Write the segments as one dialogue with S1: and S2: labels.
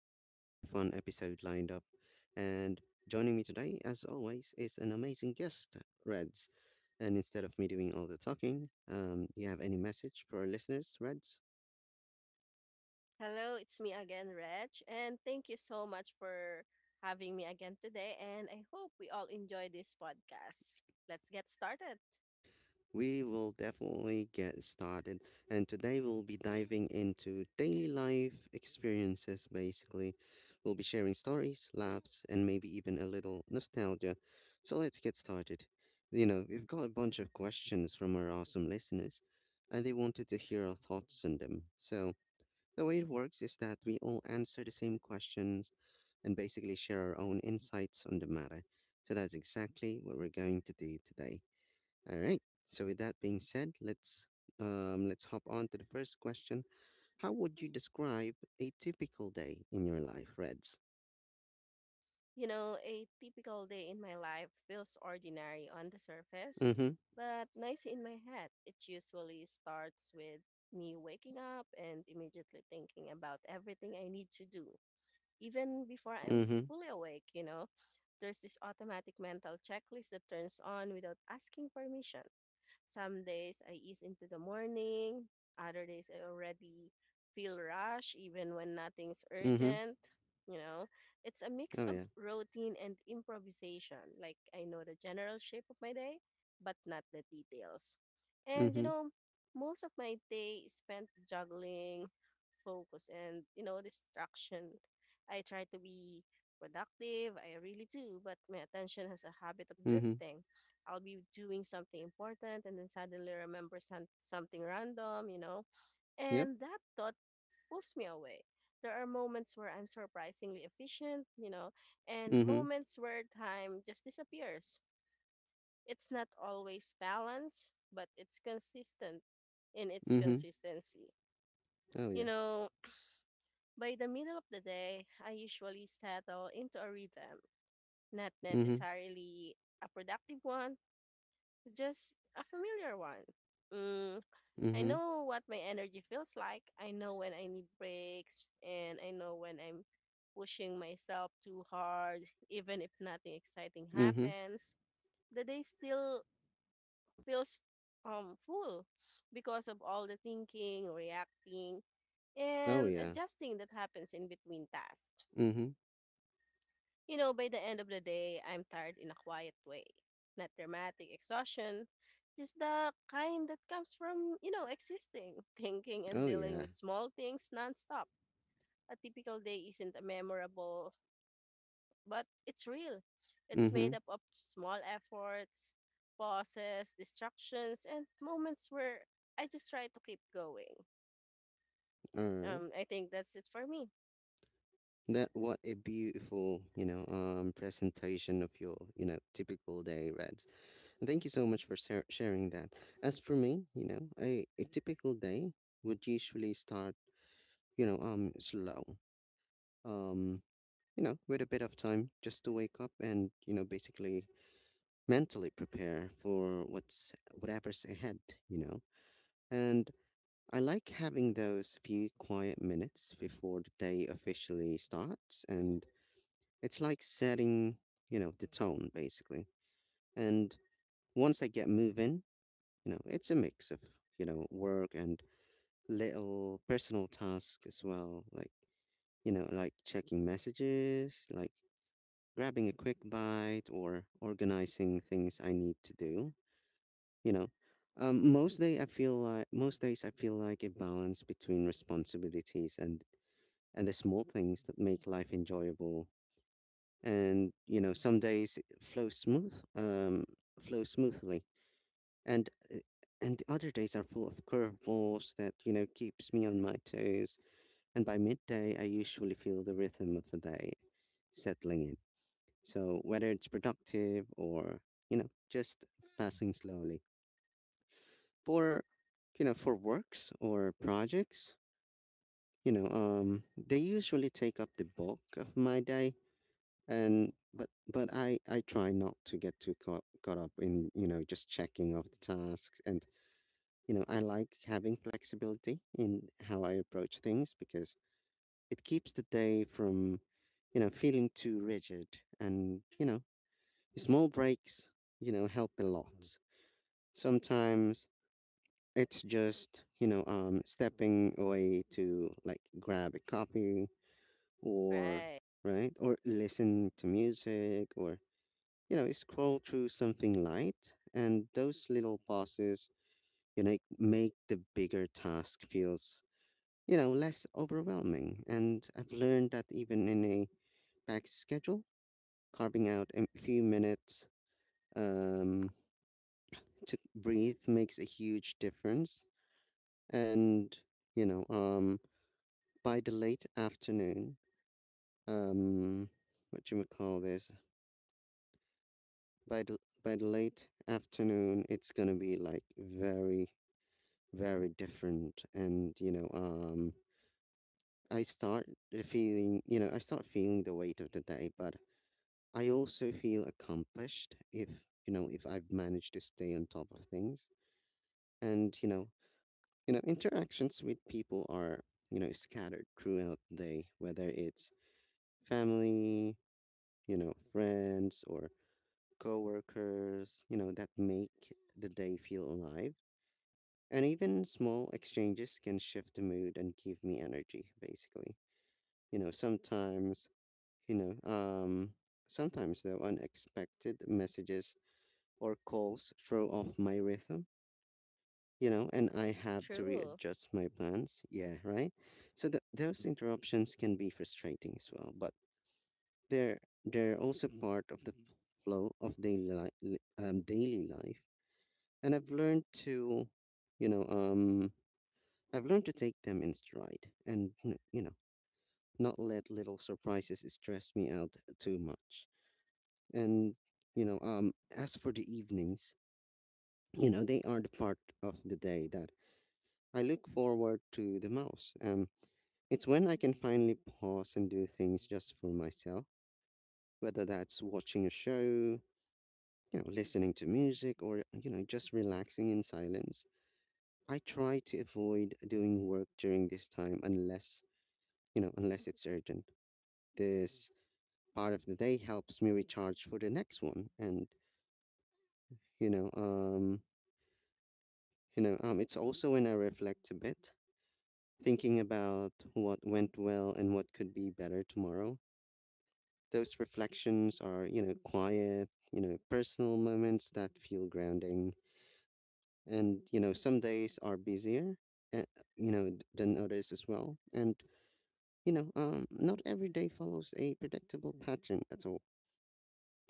S1: we have a super fun episode lined up. And joining me today, as always, is an amazing guest, Reds. And instead of me doing all the talking, you have any message for our listeners, Reds?
S2: Hello, it's me again, Reg, and thank you so much for having me again today. And I hope we all enjoy this podcast. Let's get started.
S1: We will definitely get started. And today we'll be diving into daily life experiences, basically. We'll be sharing stories, laughs, and maybe even a little nostalgia. So let's get started. We've got a bunch of questions from our awesome listeners, and they wanted to hear our thoughts on them. So the way it works is that we all answer the same questions and basically share our own insights on the matter. So that's exactly what we're going to do today. All right. So with that being said, let's hop on to the first question. How would you describe a typical day in your life, Reds?
S2: You know, a typical day in my life feels ordinary on the surface,
S1: Mm-hmm.
S2: but nice in my head. It usually starts with me waking up and immediately thinking about everything I need to do, even before I'm
S1: Mm-hmm.
S2: fully awake, you know. There's this automatic mental checklist that turns on without asking permission. Some days I ease into the morning, other days I already feel rush even when nothing's
S1: Mm-hmm.
S2: urgent. You know, it's a mix
S1: Oh
S2: of
S1: yeah.
S2: routine and improvisation. Like I know the general shape of my day, but not the details. And you
S1: Mm-hmm.
S2: know, most of my day is spent juggling focus and distraction. I try to be productive, I really do, but my attention has a habit of
S1: Mm-hmm.
S2: drifting. I'll be doing something important and then suddenly remember something random, you know,
S1: Yep.
S2: and that thought pulls me away. There are moments where I'm surprisingly efficient, you know, and
S1: Mm-hmm.
S2: moments where time just disappears. It's not always balanced, but it's consistent in its
S1: Mm-hmm.
S2: consistency.
S1: Oh
S2: You
S1: yeah.
S2: know, by the middle of the day, I usually settle into a rhythm, not
S1: Mm-hmm.
S2: necessarily a productive one, just a familiar one. Mm, I
S1: Mm-hmm.
S2: know what my energy feels like, I know when I need breaks, and I know when I'm pushing myself too hard, even if nothing exciting
S1: Mm-hmm.
S2: happens. The day still feels full because of all the thinking, reacting,
S1: Oh
S2: and
S1: yeah.
S2: adjusting that happens in between tasks.
S1: Mm-hmm.
S2: You know, by the end of the day, I'm tired in a quiet way. Not dramatic exhaustion, just the kind that comes from, you know, existing, thinking and
S1: Oh
S2: dealing
S1: yeah.
S2: with small things nonstop. A typical day isn't a memorable, but it's real. It's
S1: Mm-hmm.
S2: made up of small efforts, pauses, distractions, and moments where I just try to keep going.
S1: All right.
S2: I think that's it for me.
S1: That what a beautiful, presentation of your, typical day, Reds. Thank you so much for sharing that. As for me, a typical day would usually start, slow. Um, you know, with a bit of time just to wake up and, you know, basically mentally prepare for what's whatever's ahead, you know. And I like having those few quiet minutes before the day officially starts, and it's like setting, you know, the tone basically. And once I get moving, You know, it's a mix of, you know, work and little personal tasks as well, like, you know, like checking messages, like grabbing a quick bite or organizing things I need to do, you know. Most days I feel like a balance between responsibilities and the small things that make life enjoyable. And you know, some days it flow smoothly and uh, and the other days are full of curveballs that you know keeps me on my toes. And by midday I usually feel the rhythm of the day settling in, so whether it's productive or you know just passing slowly for for works or projects, you know they usually take up the bulk of my day. And but I try not to get too caught up in you know just checking off the tasks. And you know, I like having flexibility in how I approach things because it keeps the day from, you know, feeling too rigid. And, you know, small breaks, you know, help a lot. Sometimes it's just, stepping away to like grab a coffee or,
S2: Right.
S1: right, or listen to music or, you know, scroll through something light. And those little pauses, you know, make the bigger task feels you know, less overwhelming. And I've learned that even in a packed schedule, carving out a few minutes um, to breathe makes a huge difference. And, you know, um, by the late afternoon, um, what you would call this, by the late afternoon, it's going to be like very, very different. And, I start I start feeling the weight of the day, but I also feel accomplished if you know if I've managed to stay on top of things. And you know interactions with people are you know scattered throughout the day, whether it's family, you know, friends or coworkers, you know, that make the day feel alive. And even small exchanges can shift the mood and give me energy, basically, you know. You know um sometimes though unexpected messages or calls throw off my rhythm, you know, and I have to
S2: True.
S1: readjust my plans. Yeah, right. So those interruptions can be frustrating as well, but they're they're also part of the flow of daily life, and you know, um, I've learned to take them in stride, and you know, not let little surprises stress me out too much. And as for the evenings, you know, they are the part of the day that I look forward to the most. It's when I can finally pause and do things just for myself, whether that's watching a show, you know, listening to music, or you know, just relaxing in silence. I try to avoid doing work during this time unless you know, unless it's urgent. This part of the day helps me recharge for the next one, and you know, um, it's also when I reflect a bit, thinking about what went well and what could be better tomorrow. Those reflections are, you know, quiet, you know, personal moments that feel grounding. And, you know, some days are busier, uh, than others as well. And, not every day follows a predictable pattern at all.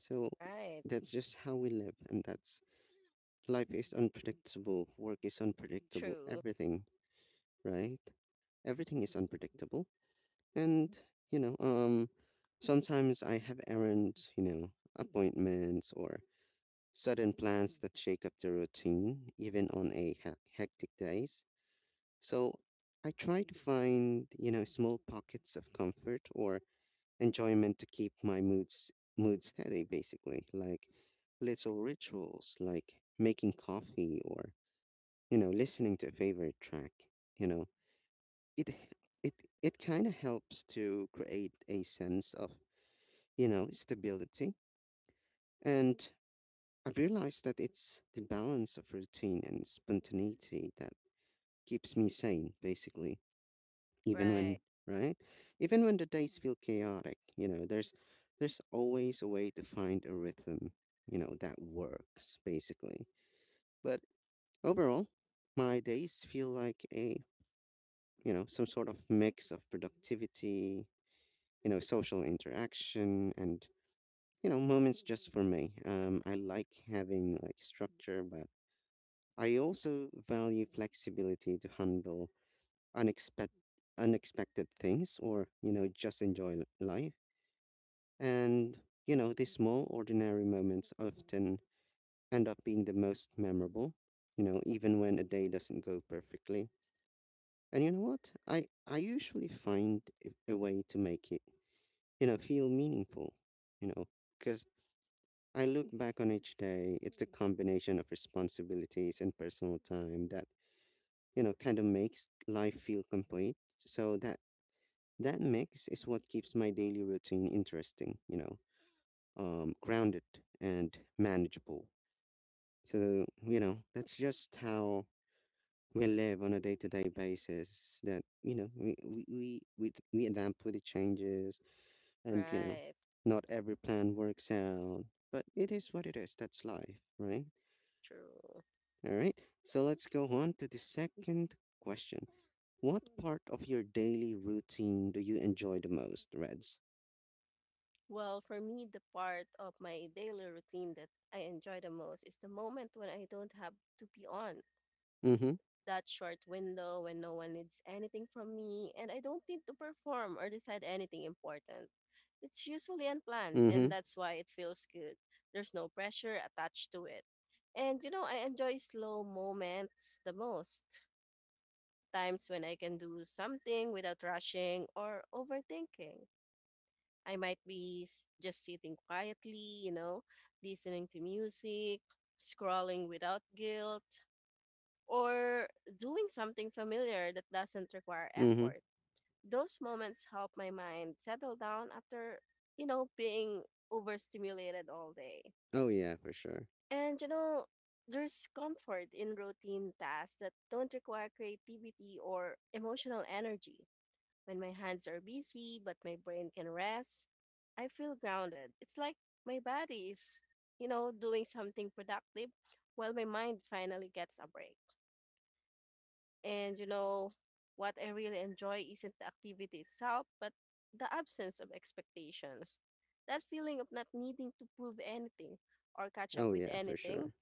S1: So
S2: Right.
S1: that's just how we live. And that's life is unpredictable, work is unpredictable,
S2: True.
S1: everything, right? Everything is unpredictable. And, you know, um, sometimes I have errands, you know, appointments or sudden plans that shake up the routine, even on a hectic days. So I try to find, you know, small pockets of comfort or enjoyment to keep my mood steady, basically, like little rituals, like making coffee or, you know, listening to a favorite track. You know, it it kind of helps to create a sense of, you know, stability. And I've realized that it's the balance of routine and spontaneity that keeps me sane, basically. Even
S2: Right.
S1: when, right? Even when the days feel chaotic, you know, there's always a way to find a rhythm, you know, that works, basically. But overall, my days feel like a, you know, some sort of mix of productivity, you know, social interaction and you know, moments just for me. I like having like structure, but I also value flexibility to handle unexpected unexpected things or you know just enjoy life. And you know these small ordinary moments often end up being the most memorable, you know, even when a day doesn't go perfectly. And you know what, I usually find a way to make it you know feel meaningful, you know, because I look back on each day, it's the combination of responsibilities and personal time that you know kind of makes life feel complete. So that mix is what keeps my daily routine interesting, you know, grounded and manageable. So you know that's just how we live on a day-to-day basis, that you know we adapt with the changes. And you know
S2: Right.
S1: not every plan works out, but it is what it is. That's life, right?
S2: True.
S1: All right. So let's go on to the second question. What part of your daily routine do you enjoy the most, Reds?
S2: Well, for me, the part of my daily routine that I enjoy the most is the moment when I don't have to be on
S1: Mm-hmm.
S2: that short window when no one needs anything from me and I don't need to perform or decide anything important. It's usually unplanned,
S1: Mm-hmm.
S2: and that's why it feels good. There's no pressure attached to it. And you know, I enjoy slow moments the most. Times when I can do something without rushing or overthinking. I might be just sitting quietly, you know, listening to music, scrolling without guilt, or doing something familiar that doesn't require
S1: Mm-hmm.
S2: effort. Those moments help my mind settle down after, you know, being overstimulated all day.
S1: Oh yeah, for sure.
S2: And, you know, there's comfort in routine tasks that don't require creativity or emotional energy when my hands are busy but my brain can rest, I feel grounded. It's like my body is, you know, doing something productive while my mind finally gets a break. And, you know, what I really enjoy isn't the activity itself, but the absence of expectations. That feeling of not needing to prove anything or catch up
S1: Oh
S2: with
S1: yeah, for
S2: anything,
S1: sure.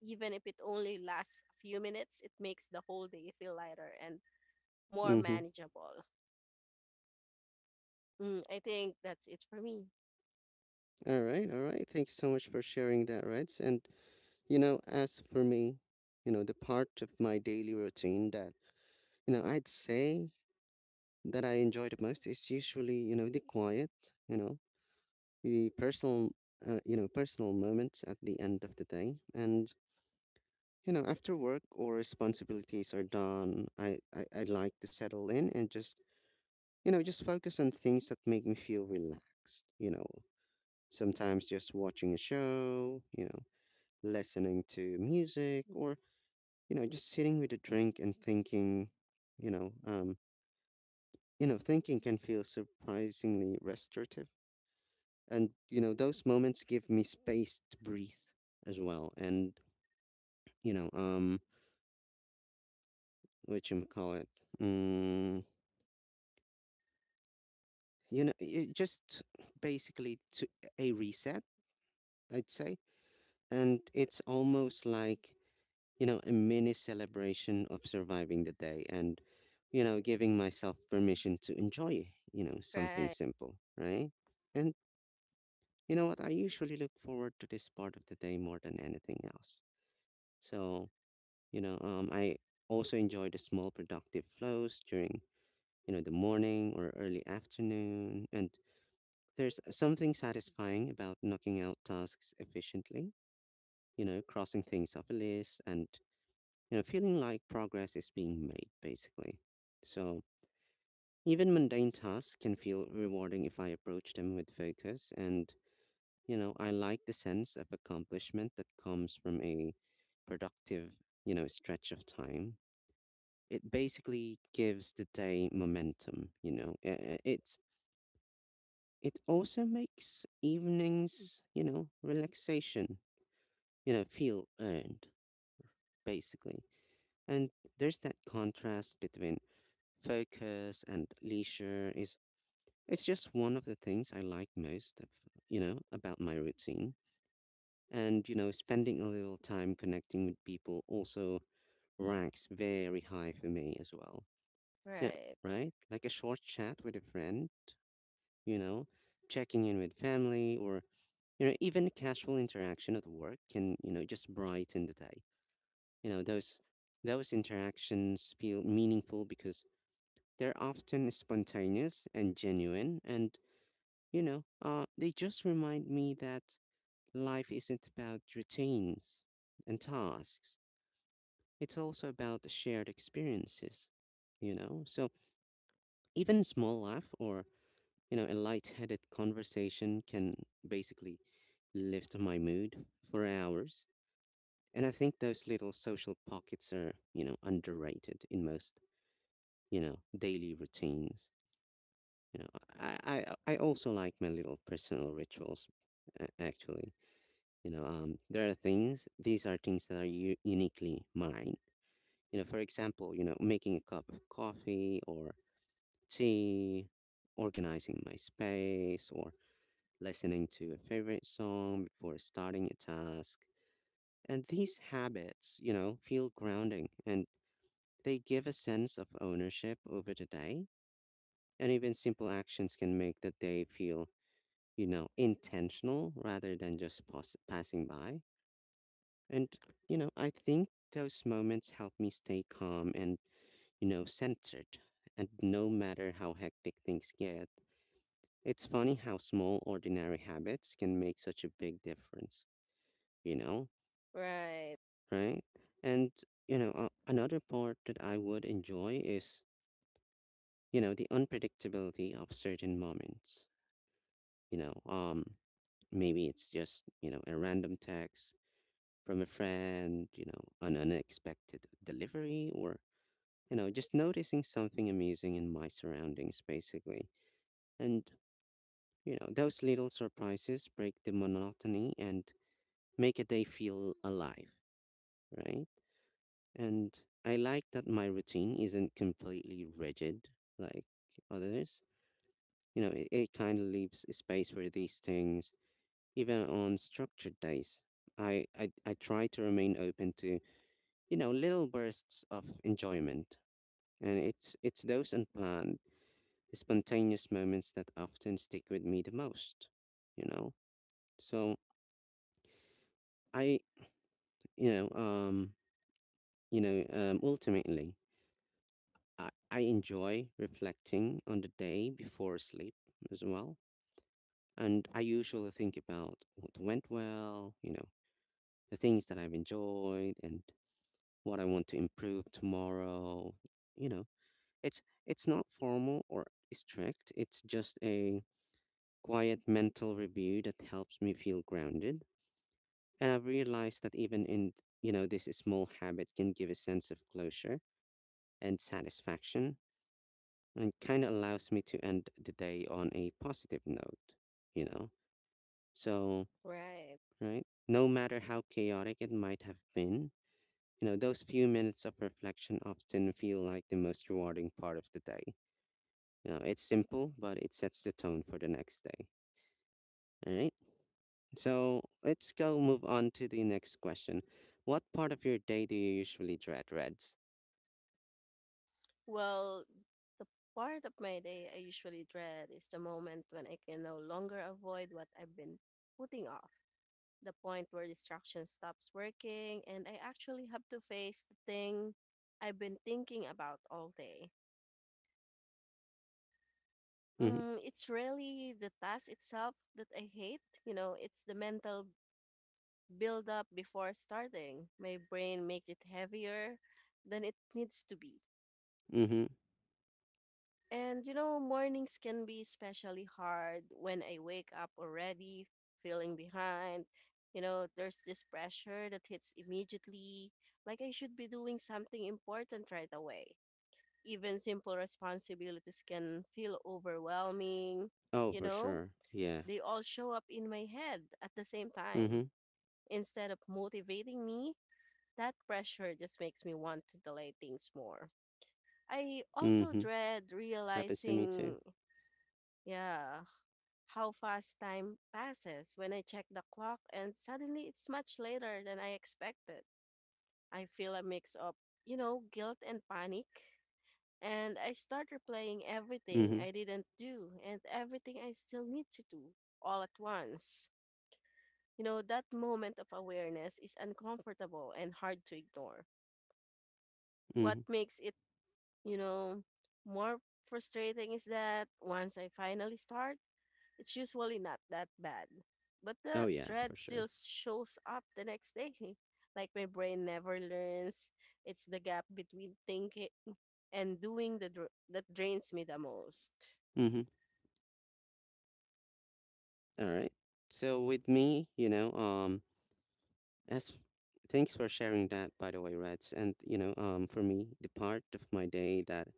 S2: even if it only lasts a few minutes, it makes the whole day feel lighter and more
S1: Mm-hmm.
S2: manageable. I think that's it for me.
S1: All right, all right. Thank you so much for sharing that, Reds. And you know, as for me, you know, the part of my daily routine that you know I'd say that I enjoy the most is usually, you know, the quiet, you know, the personal, you know, personal moments at the end of the day. And, you know, after work or responsibilities are done, I like to settle in and just, you know, just focus on things that make me feel relaxed, you know, sometimes just watching a show, you know, listening to music or, you know, just sitting with a drink and thinking, you know, um, you know, thinking can feel surprisingly restorative. And you know those moments give me space to breathe as well. And you know what you call it mm, you know it just basically to a reset, I'd say. And it's almost like you know a mini celebration of surviving the day and you know giving myself permission to enjoy you know something
S2: Right,
S1: simple, right? And you know what, I usually look forward to this part of the day more than anything else. So I also enjoy the small productive flows during, you know, the morning or early afternoon. And there's something satisfying about knocking out tasks efficiently, you know, crossing things off a list and, you know, feeling like progress is being made, basically. So even mundane tasks can feel rewarding if I approach them with focus. And, you know, I like the sense of accomplishment that comes from a productive, you know, stretch of time. It basically gives the day momentum, you know. It's it also makes evenings, you know, relaxation, you know, feel earned basically. And there's that contrast between focus and leisure is it's just one of the things I like most of, about my routine. And spending a little time connecting with people also ranks very high for me as well. Yeah,
S2: right,
S1: right? Like a short chat with a friend, you know, checking in with family or, even casual interaction at work can, just brighten the day. You know, those those interactions feel meaningful because they're often spontaneous and genuine and, they just remind me that life isn't about routines and tasks. It's also about shared experiences. You know? So even small laugh or, a light-headed conversation can basically lift my mood for hours. And I think those little social pockets are, underrated in most, daily routines. You know, I also like my little personal rituals, actually. There are things, these are things that are uniquely mine. For example, making a cup of coffee or tea, organizing my space, or listening to a favorite song before starting a task. And these habits, feel grounding and they give a sense of ownership over the day. And even simple actions can make the day feel, intentional rather than just passing by. And, I think those moments help me stay calm and, centered. And no matter how hectic things get, it's funny how small, ordinary habits can make such a big difference, you know?
S2: right,
S1: Right? And another part that I would enjoy is the unpredictability of certain moments. You know, um, Maybe it's just a random text from a friend, an unexpected delivery, or just noticing something amazing in my surroundings, basically. And those little surprises break the monotony and make a day feel alive, right? And I like that my routine isn't completely rigid like others. It kind of leaves a space for these things, even on structured days. I try to remain open to, little bursts of enjoyment. And it's those unplanned, spontaneous moments that often stick with me the most, you know? So I, you know, um, you know, ultimately, I enjoy reflecting on the day before sleep as well. And I usually think about what went well, the things that I've enjoyed and what I want to improve tomorrow. You know, it's not formal or strict. It's just a quiet mental review that helps me feel grounded. And I've realized that even in, this small habit can give a sense of closure and satisfaction and kind of allows me to end the day on a positive note, you know? So,
S2: right.
S1: right? No matter how chaotic it might have been, those few minutes of reflection often feel like the most rewarding part of the day. It's simple, but it sets the tone for the next day. All right. So let's go move on to the next question. What part of your day do you usually dread, Reds?
S2: Well, the part of my day I usually dread is the moment when I can no longer avoid what I've been putting off. The point where distraction stops working and I actually have to face the thing I've been thinking about all day.
S1: Mm-hmm.
S2: It's really the task itself that I hate. You know, it's the mental buildup before starting. My brain makes it heavier than it needs to be.
S1: Mm-hmm.
S2: And you know, mornings can be especially hard when I wake up already feeling behind. You know, there's this pressure that hits immediately, like I should be doing something important right away. Even simple responsibilities can feel overwhelming.
S1: Oh,
S2: You
S1: for
S2: know,
S1: sure. Yeah.
S2: they all show up in my head at the same time.
S1: Mm-hmm.
S2: Instead of motivating me, that pressure just makes me want to delay things more. I also
S1: Mm-hmm.
S2: dread
S1: Happens to me too.
S2: realizing yeah how fast time passes when I check the clock and suddenly it's much later than I expected. I feel a mix of, you know, guilt and panic. And I start replaying everything
S1: Mm-hmm.
S2: I didn't do and everything I still need to do all at once. You know, that moment of awareness is uncomfortable and hard to ignore. What
S1: Mm-hmm.
S2: makes it, you know, more frustrating is that once I finally start, it's usually not that bad, but
S1: Oh
S2: the
S1: yeah, for
S2: dread still
S1: sure.
S2: shows up the next day. Like my brain never learns. It's the gap between thinking and doing that drains me the most.
S1: Mm-hmm. All right. So with me, as thanks for sharing that, by the way, Reds. And for me, the part of my day that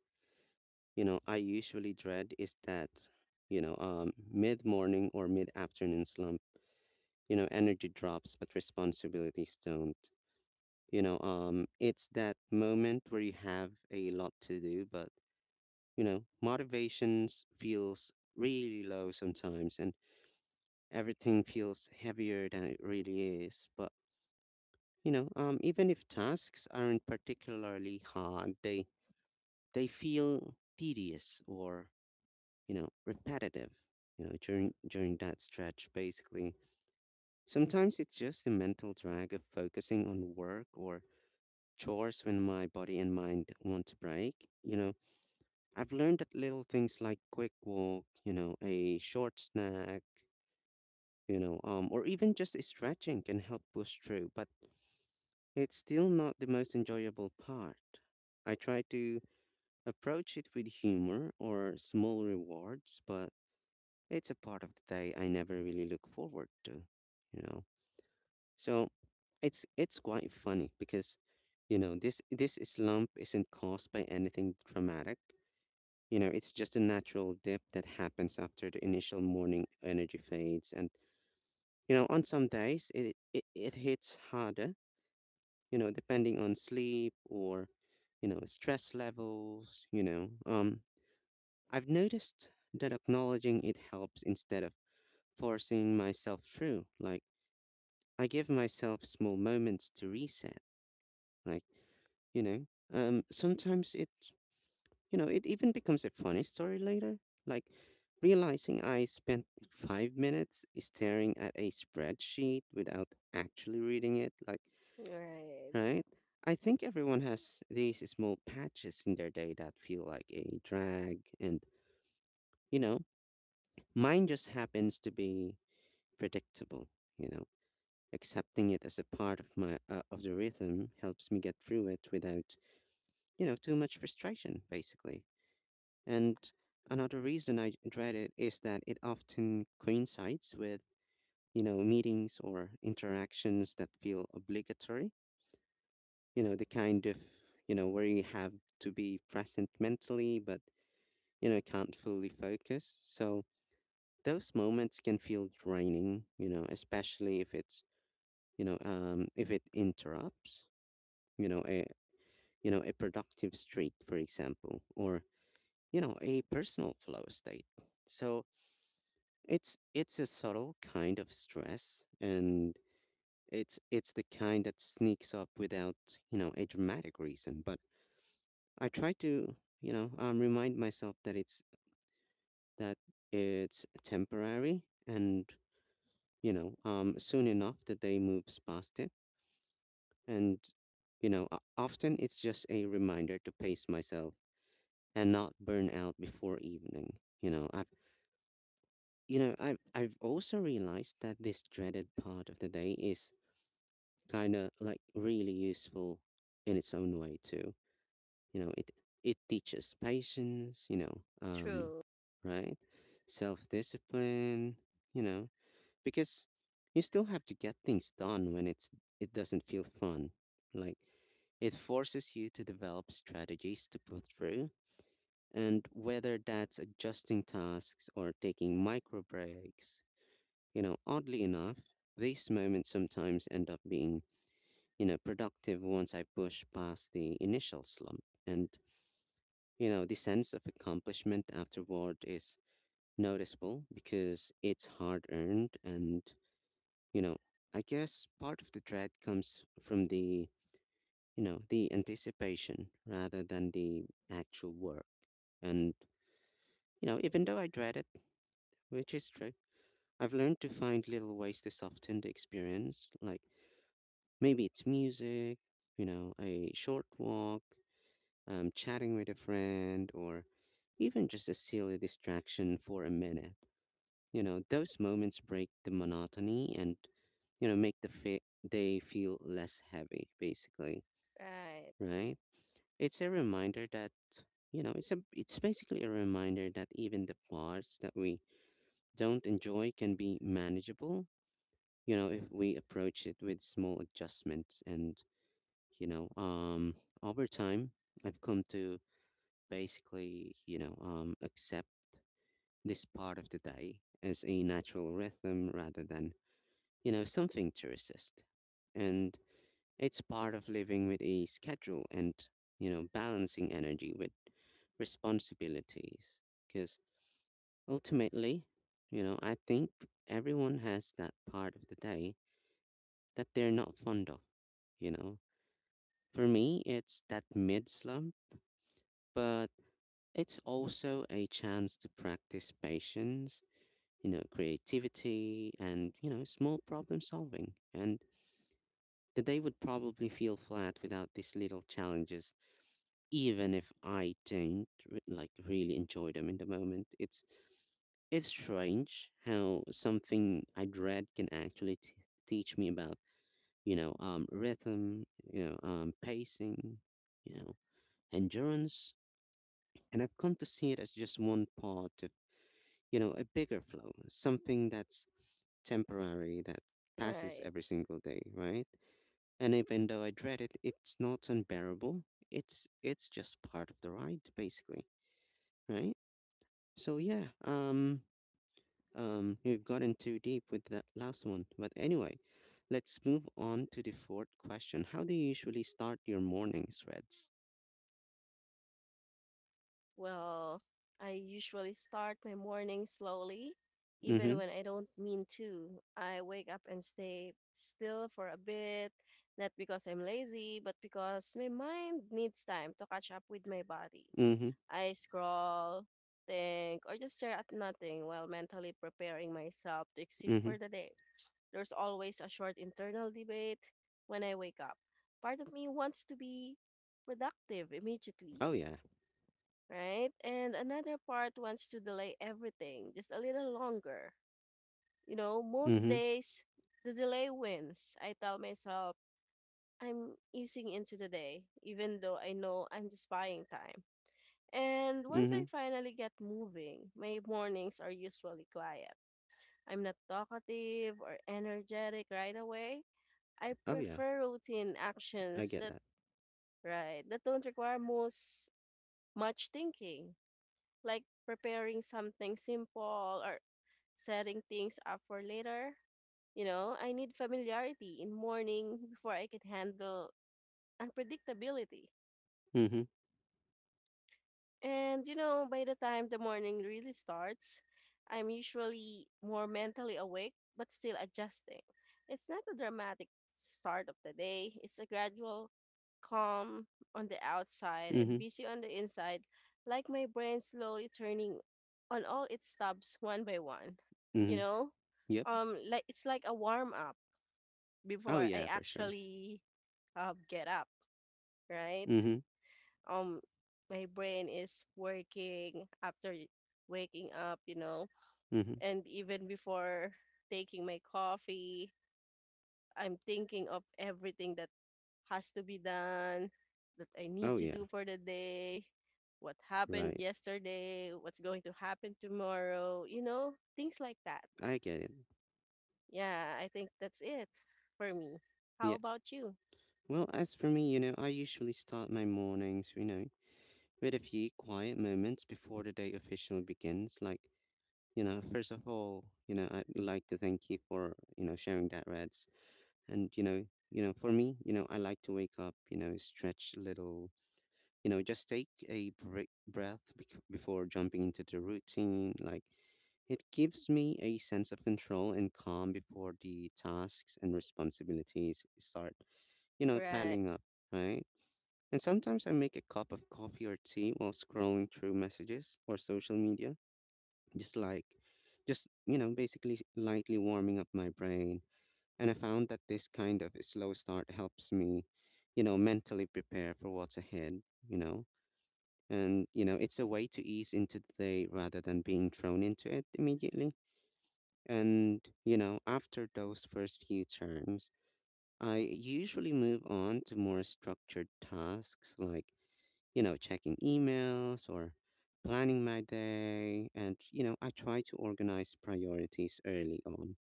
S1: I usually dread is that mid morning or mid afternoon slump. Energy drops, but responsibilities don't. It's that moment where you have a lot to do, but motivations feels really low sometimes, and everything feels heavier than it really is. But even if tasks aren't particularly hard, they feel tedious or repetitive. During that stretch, basically, sometimes it's just the mental drag of focusing on work or chores when my body and mind want to break. You know, I've learned that little things like quick walk, a short snack, or even just stretching can help push through. But it's still not the most enjoyable part. I try to approach it with humor or small rewards, but it's a part of the day I never really look forward to, you know. So it's quite funny because this slump isn't caused by anything dramatic. It's just a natural dip that happens after the initial morning energy fades and on some days it hits harder, depending on sleep or, stress levels. You know. I've noticed that acknowledging it helps instead of forcing myself through. Like, I give myself small moments to reset. Like, you know, sometimes it, it even becomes a funny story later. Like, realizing I spent 5 minutes staring at a spreadsheet without actually reading it. Like,
S2: Right.
S1: right? I think everyone has these small patches in their day that feel like a drag. And, you know, mine just happens to be predictable, you know. Accepting it as a part of my of the rhythm helps me get through it without, too much frustration, basically. And another reason I dread it is that it often coincides with, meetings or interactions that feel obligatory, the kind of where you have to be present mentally but can't fully focus. So those moments can feel draining, especially if it's if it interrupts a a productive streak for example or a personal flow state. So it's a subtle kind of stress, and it's the kind that sneaks up without a dramatic reason. But I try to, remind myself that that it's temporary, and soon enough the day moves past it, and often it's just a reminder to pace myself and not burn out before evening. I've also realized that this dreaded part of the day is kind of like really useful in its own way too. you know it it teaches patience,
S2: True.
S1: right, self discipline, you know because you still have to get things done when it doesn't feel fun. Like it forces you to develop strategies to put through, and whether that's adjusting tasks or taking micro breaks, oddly enough these moments sometimes end up being productive once I push past the initial slump. And the sense of accomplishment afterward is noticeable because it's hard earned. And, you know, I guess part of the dread comes from the, the anticipation rather than the actual work. And, even though I dread it, which is true, I've learned to find little ways to soften the experience. Like maybe it's music, a short walk, chatting with a friend, or even just a silly distraction for a minute. Those moments break the monotony and, make the day feel less heavy, basically,
S2: Right.
S1: right? It's a reminder that, it's basically a reminder that even the parts that we don't enjoy can be manageable, if we approach it with small adjustments. And, you know, um over time, I've come to basically accept this part of the day as a natural rhythm rather than, something to resist. And it's part of living with a schedule and, balancing energy with responsibilities. Because ultimately, I think everyone has that part of the day that they're not fond of, you know. For me, it's that mid slump, but it's also a chance to practice patience, creativity and, small problem solving. And the day would probably feel flat without these little challenges, even if I didn't really enjoy them in the moment. It's strange how something I dread can actually teach me about, rhythm, pacing, you know endurance, and I've come to see it as just one part of, a bigger flow, something that's temporary, that passes
S2: Right.
S1: every single day, right? And even though I dread it, it's not unbearable. It's just part of the ride, basically, right? So yeah, we've gotten too deep with that last one, but anyway, let's move on to the fourth question. How do you usually start your mornings, Reds?
S2: Well, I usually start my morning slowly, even
S1: Mm-hmm.
S2: when I don't mean to. I wake up and stay still for a bit, not because I'm lazy, but because my mind needs time to catch up with my body.
S1: Mm-hmm.
S2: I scroll, think, or just stare at nothing while mentally preparing myself to exist
S1: Mm-hmm.
S2: for the day. There's always a short internal debate when I wake up. Part of me wants to be productive immediately,
S1: Oh yeah.
S2: right? And another part wants to delay everything just a little longer. You know, most
S1: Mm-hmm.
S2: days the delay wins. I tell myself I'm easing into the day, even though I know I'm just buying time. And once
S1: Mm-hmm.
S2: I finally get moving, my mornings are usually quiet. I'm not talkative or energetic right away. I
S1: Oh yeah.
S2: prefer routine
S1: I
S2: actions
S1: get
S2: that
S1: that.
S2: right that don't require most much thinking, like preparing something simple or setting things up for later. You know, I need familiarity in morning before I can handle unpredictability.
S1: Mm-hmm.
S2: And you know, by the time the morning really starts, I'm usually more mentally awake but still adjusting. It's not a dramatic start of the day, it's a gradual calm on the outside and
S1: Mm-hmm.
S2: busy on the inside, like my brain slowly turning on all its tabs one by one. You
S1: Mm-hmm.
S2: know?
S1: Yep.
S2: Like it's like a warm up
S1: Oh
S2: before I
S1: yeah, for sure.
S2: actually get up, right?
S1: Mm-hmm.
S2: um my brain is working after waking up, you know,
S1: Mm-hmm.
S2: and even before taking my coffee, I'm thinking of everything that has to be done, that I need
S1: Oh
S2: to
S1: yeah.
S2: do for the day, what happened
S1: Right.
S2: yesterday, what's going to happen tomorrow, you know, things like that.
S1: I get it.
S2: Yeah, I think that's it for me. How about you?
S1: Well, as for me, I usually start my mornings, with a few quiet moments before the day officially begins. Like, first of all, I'd like to thank you for, sharing that, Reds. And, you know, for me, you know, I like to wake up, stretch a little, just take a break, breath before jumping into the routine. Like, it gives me a sense of control and calm before the tasks and responsibilities start,
S2: Right.
S1: piling up, right? And sometimes I make a cup of coffee or tea while scrolling through messages or social media, just like, just, you know, basically lightly warming up my brain. And I found that this kind of slow start helps me, mentally prepare for what's ahead, you know. And, it's a way to ease into the day rather than being thrown into it immediately. And, after those first few terms, I usually move on to more structured tasks like checking emails or planning my day. And, I try to organize priorities early on.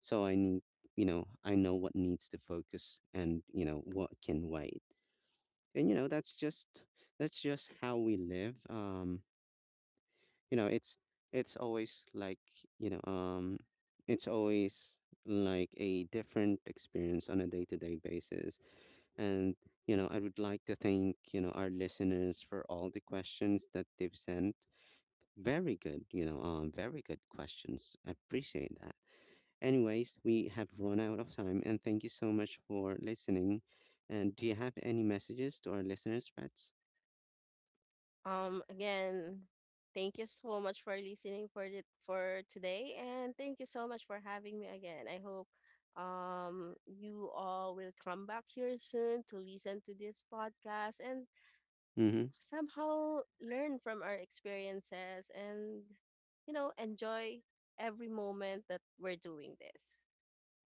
S1: So I need, I know what needs to focus and, what can wait. And, that's just how we live. You know, it's always like, you know, It's always like a different experience on a day to day basis, and, I would like to thank, our listeners for all the questions that they've sent. Very good, very good questions. I appreciate that. Anyways, we have run out of time and thank you so much for listening. And do you have any messages to our listeners, Reds?
S2: Again, thank you so much for listening for it for today, and thank you so much for having me again. I hope you all will come back here soon to listen to this podcast and
S1: Mm-hmm.
S2: somehow learn from our experiences and you know enjoy every moment that we're doing this.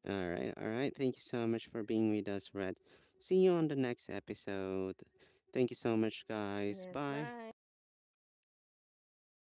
S1: All right, all right. Thank you so much for being with us, Red. See you on the next episode. Thank you so much, guys.
S2: Yes,
S1: Bye.
S2: bye.